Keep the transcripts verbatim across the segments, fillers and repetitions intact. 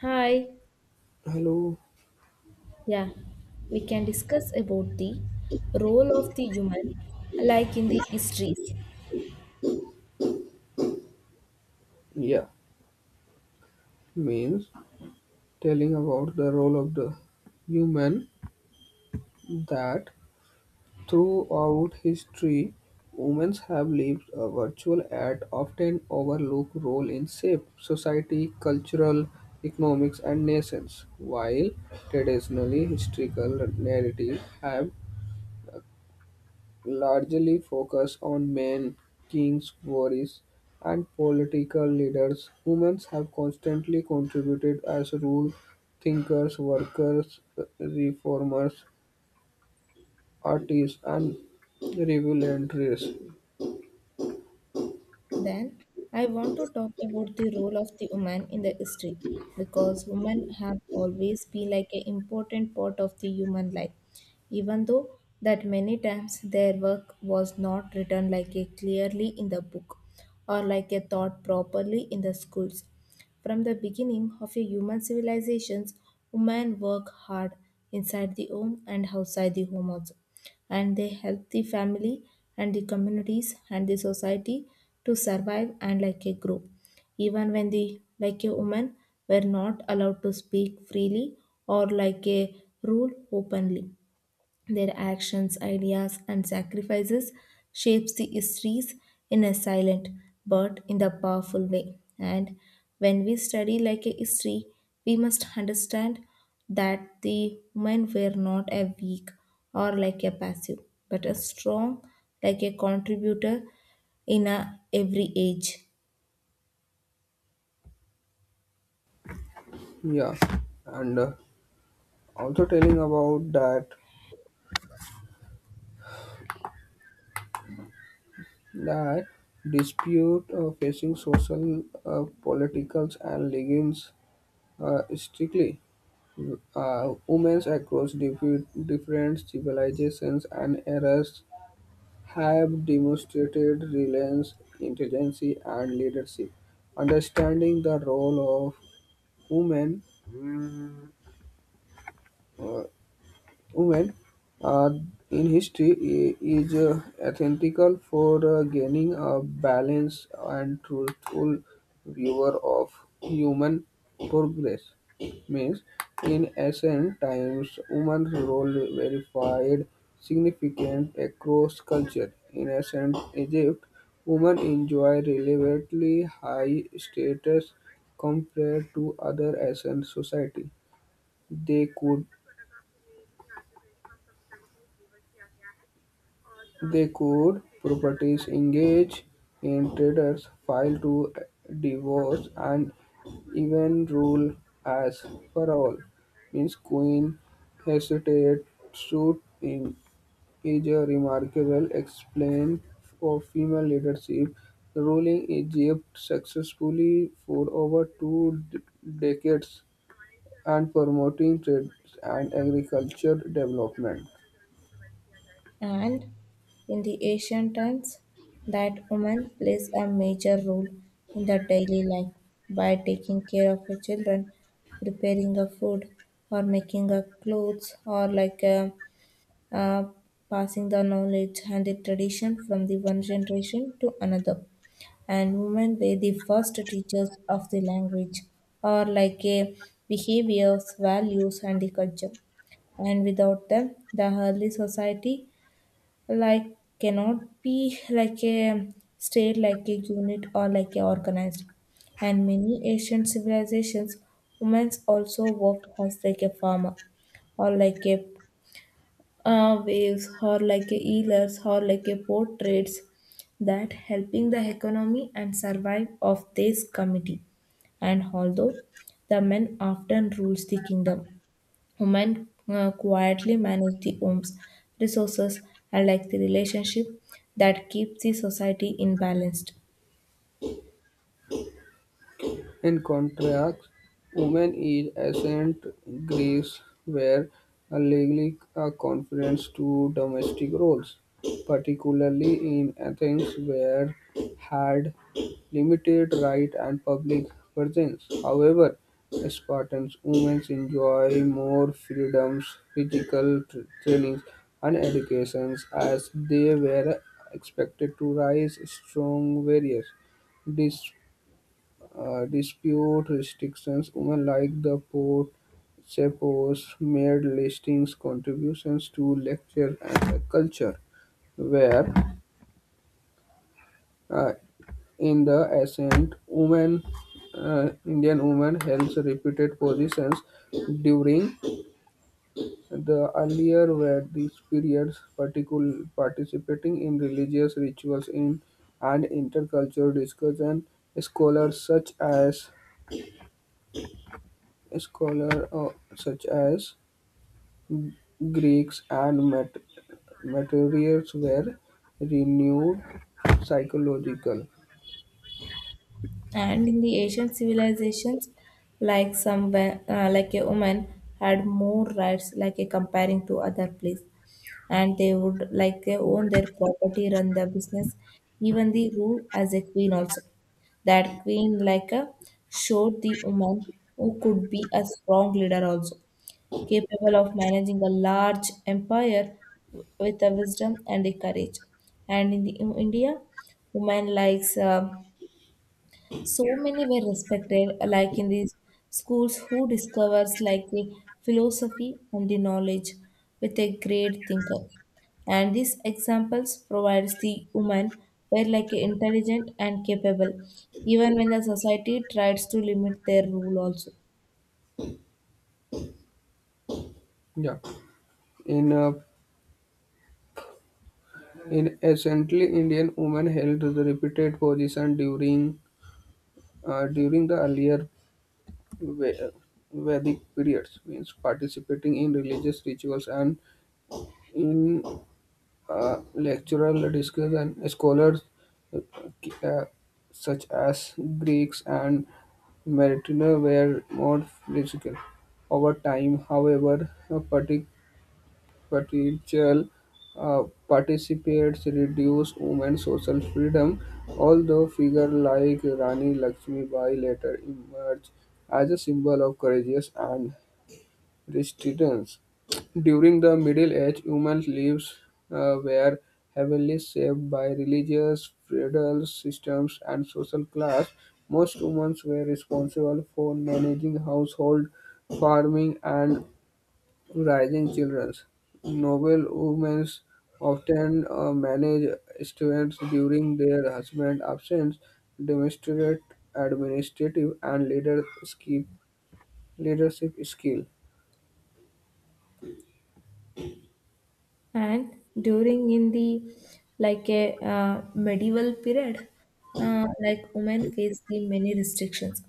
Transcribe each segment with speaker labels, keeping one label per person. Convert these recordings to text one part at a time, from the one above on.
Speaker 1: Hi.
Speaker 2: Hello,
Speaker 1: Yeah, we can discuss about the role of the human like in the histories.
Speaker 2: yeah, means telling about the role of the human that throughout history women have lived a virtual and often overlooked role in shape society, cultural, economics and nations. While traditionally historical narrative have largely focus on men, kings, warriors, and political leaders. Women have constantly contributed as rule thinkers, workers, reformers, artists, and revolutionaries.
Speaker 1: Then I want to talk about the role of the woman in the history, because women have always been like an important part of the human life, even though that many times their work was not written like a clearly in the book or like a thought properly in the schools. From the beginning of a human civilizations, women work hard inside the home and outside the home also. And they help the family and the communities and the society to survive and like a group. Even when the like a woman were not allowed to speak freely or like a rule openly, their actions, ideas, and sacrifices shapes the histories in a silent but in the powerful way. And when we study like a history, we must understand that the women were not a weak or like a passive, but a strong, like a contributor in a every age.
Speaker 2: Yeah, and uh, also telling about that that dispute uh, facing social, uh, political, and legions uh, strictly. Uh, women across diff- different civilizations and eras have demonstrated resilience, intelligence, and leadership. Understanding the role of women uh, Women uh, in history i- is uh, ethical for uh, gaining a balanced and truthful viewer of human progress. Means, in ancient times, women's role verified significant across culture. In ancient Egypt, women enjoy relatively high status compared to other ancient society. They could They could properties engage in traders, file to divorce, and even rule as parole. Means Queen hesitated suit in is a remarkable explaint of female leadership. Ruling Egypt successfully for over two d- decades and promoting trade and agriculture development.
Speaker 1: And in the ancient times, that woman plays a major role in the daily life by taking care of her children, preparing a food, or making a clothes, or like uh, uh, passing the knowledge and the tradition from the one generation to another. And women were the first teachers of the language, or like a behaviors, values, and the culture, and without them, the early society like cannot be like a state like a unit or like a organized. And many ancient civilizations, women also worked as like a farmer or like a uh, waves or like a healers or like a portraits that helping the economy and survive of this community. And although the men often rules the kingdom, women uh, quietly manage the homes, resources, and like the relationship that keeps the society in balance.
Speaker 2: In contrast, women in ancient Greece were legally uh, confined to domestic roles, particularly in Athens, where had limited right and public presence. However, Spartan women enjoy more freedoms, physical tr- trainings, and educations as they were expected to rise strong warriors. This uh, dispute restrictions. Women like the Port suppose made listings contributions to lecture and culture, where uh, in the ascent, women, uh, Indian women held repeated positions during the earlier were these periods particular participating in religious rituals in and intercultural discussion scholars such as scholar uh, such as Greeks and mat- materials were renewed psychological.
Speaker 1: And in the ancient civilizations, like somewhere, uh, like a woman had more rights, like a comparing to other place, and they would like they own their property, run their business, even the rule as a queen also. That queen like a showed the woman who could be a strong leader also, capable of managing a large empire w- with a wisdom and a courage. And in, the, in India, women likes uh, so many were respected, like in these schools who discovers like the philosophy and the knowledge with a great thinker. And these examples provides the woman were like intelligent and capable, even when the society tries to limit their rule also.
Speaker 2: Yeah. In uh, in essentially Indian women held the repeated position during uh, during the earlier Ve- Vedic periods, means participating in religious rituals and in uh, lecturer discussion scholars uh, such as Greeks and Mertiner were more physical. Over time, however, a partic- partial uh, participates reduced women's social freedom, although figures like Rani Lakshmi Bai later emerged as a symbol of courage and residence. During the Middle Age, women's lives uh, were heavily shaped by religious, feudal systems, and social class. Most women were responsible for managing household, farming, and raising children. Noble women often uh, managed students during their husband's absence, demonstrate administrative and leadership leadership skill.
Speaker 1: And during in the like a uh, medieval period uh, like women face the many restrictions,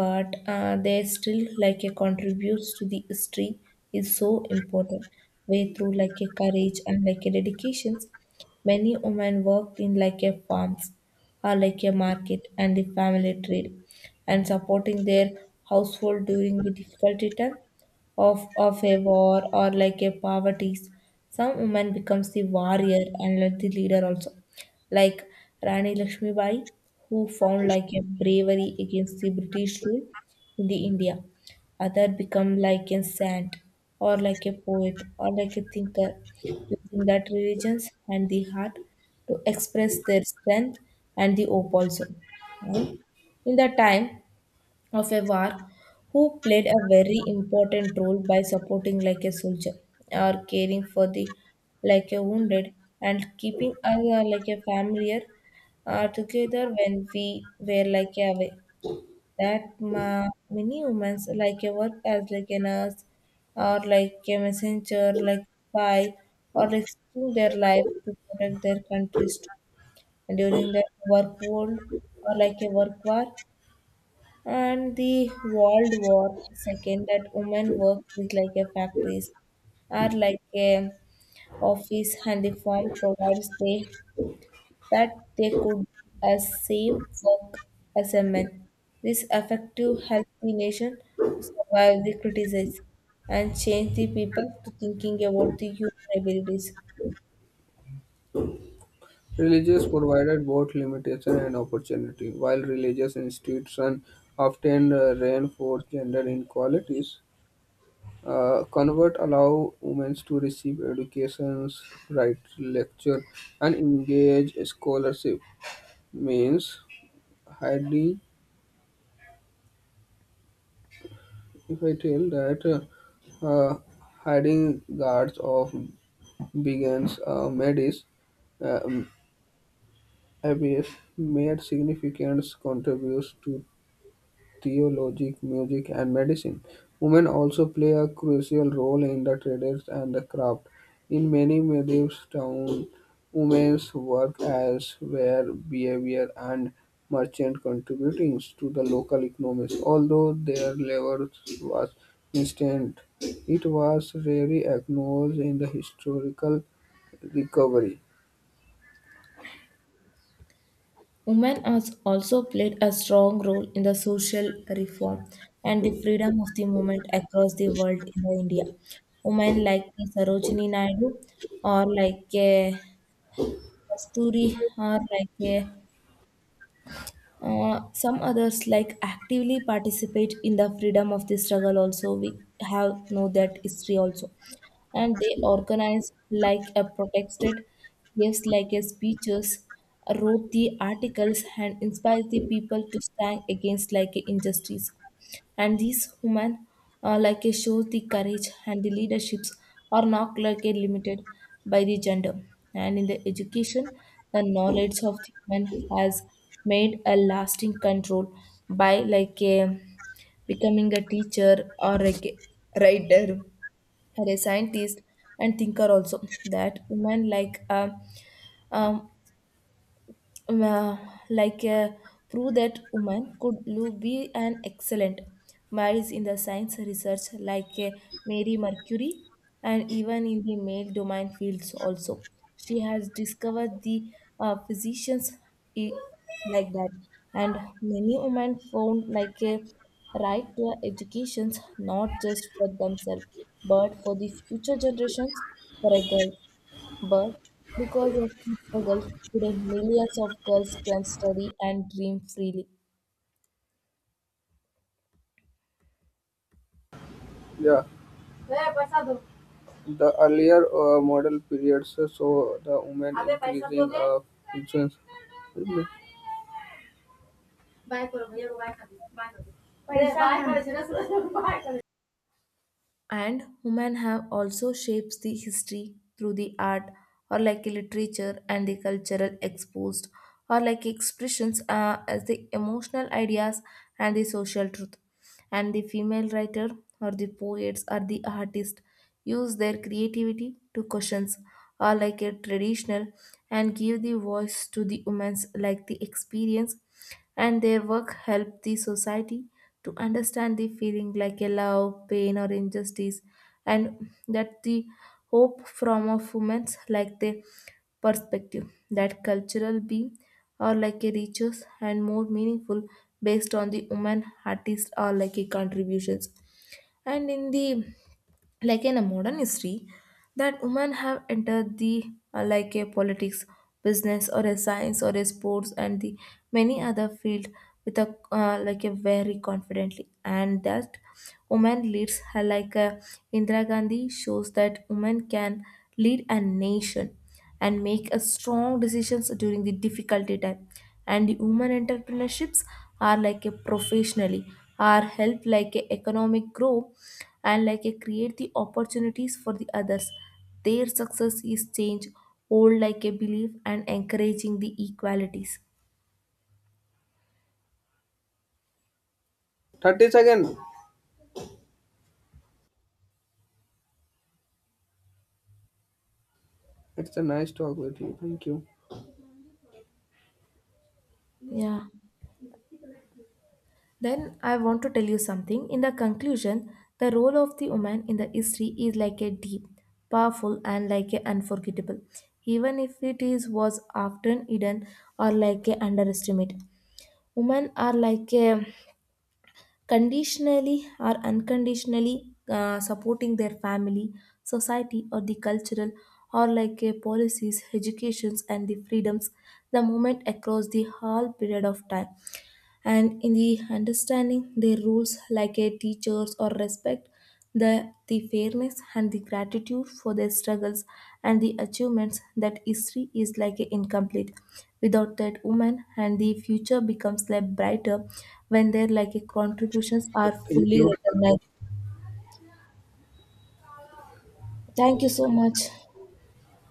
Speaker 1: but uh, they still like a contributes to the history is so important way through like a courage and like a dedications. Many women work in like a farms or like a market and the family trade, and supporting their household during the difficulty time of of a war or like a poverty. Some woman becomes the warrior and like the leader also, like Rani Lakshmibai, who found like a bravery against the British rule in the India. Other become like a saint or like a poet or like a thinker, using that religions and the heart to express their strength and the hope also. And in that time of a war, who played a very important role by supporting like a soldier or caring for the like a wounded and keeping us uh, like a familiar uh, together when we were like away. That ma- many humans like a work as like a nurse or like a messenger like spy, or risking their life to protect their countries too. And during the work world or like a work war and the World War Second, that women work is like a factories, are like a office, and the firm provides they that they could as same work as a man. This effective help the nation to survive the criticism and change the people to thinking about the human abilities.
Speaker 2: Religious provided both limitation and opportunity. While religious institutions often uh, reinforce gender inequalities, uh, convert allow women to receive educations, write lecture, and engage scholarship. Means hiding. If I tell that uh, uh, hiding guards of begins uh, medis uh, Abyss made significant contributions to theology, music, and medicine. Women also play a crucial role in the trades and the craft. In many medieval towns, women's work as were behavior and merchant contributing to the local economies. Although their labor was instant, it was rarely acknowledged in the historical recovery.
Speaker 1: Women has also played a strong role in the social reform and the freedom of the movement across the world in the India. Women like a Sarojini Naidu or like a Kasturi or like a uh, some others like actively participate in the freedom of the struggle, also we have know that history also. And they organize like a protested, gives like a speeches, wrote the articles, and inspire the people to stand against like a injustice. And these women, uh, like a shows the courage and the leaderships are not like a limited by the gender. And in the education, the knowledge of the women has made a lasting control by like a becoming a teacher or a g- writer or a scientist and thinker also. That women like um, um, uh, like uh, prove that women could lo- be an excellent minds in the science research like uh, Mary Mercury, and even in the male domain fields also she has discovered the uh, physicians i- like that. And many women found like a right to educations not just for themselves but for the future generations for a girl. But because of this struggle, today millions of girls can study and dream freely.
Speaker 2: Yeah. The earlier uh, model periods uh, saw the women increasing uh, influence. पैसा
Speaker 1: And women have also shaped the history through the art or like a literature and the cultural exposed or like expressions uh, as the emotional ideas and the social truth. And the female writer or the poets or the artist use their creativity to questions or like a traditional and give the voice to the women's like the experience. And their work helped the society to understand the feeling like a love, pain, or injustice, and that the hope from of women's like the perspective that cultural being or like a riches and more meaningful based on the woman artist or like a contributions. And in the like in a modern history, that women have entered the uh, like a politics, business, or a science, or a sports, and the many other field with a uh, like a very confidently. And that women leads uh, like a Indira Gandhi shows that women can lead a nation and make a strong decisions during the difficulty time. And the women entrepreneurships are like a professionally are help like a economic grow and like a create the opportunities for the others. Their success is change old like a belief and encouraging the equalities.
Speaker 2: thirty second. It's a nice talk with you. Thank you.
Speaker 1: Yeah. Then I want to tell you something. In the conclusion, the role of the woman in the history is like a deep, powerful, and like a unforgettable, even if it is was often hidden or like a underestimated. Women are like a conditionally or unconditionally uh, supporting their family, society, or the cultural or like a policies, educations, and the freedoms, the moment across the whole period of time. And in the understanding their roles like a teachers or respect the, the fairness and the gratitude for their struggles and the achievements, that history is like a incomplete without that woman, and the future becomes like brighter when their like a contributions are
Speaker 2: Thank
Speaker 1: fully
Speaker 2: you.
Speaker 1: recognized. Thank you so much.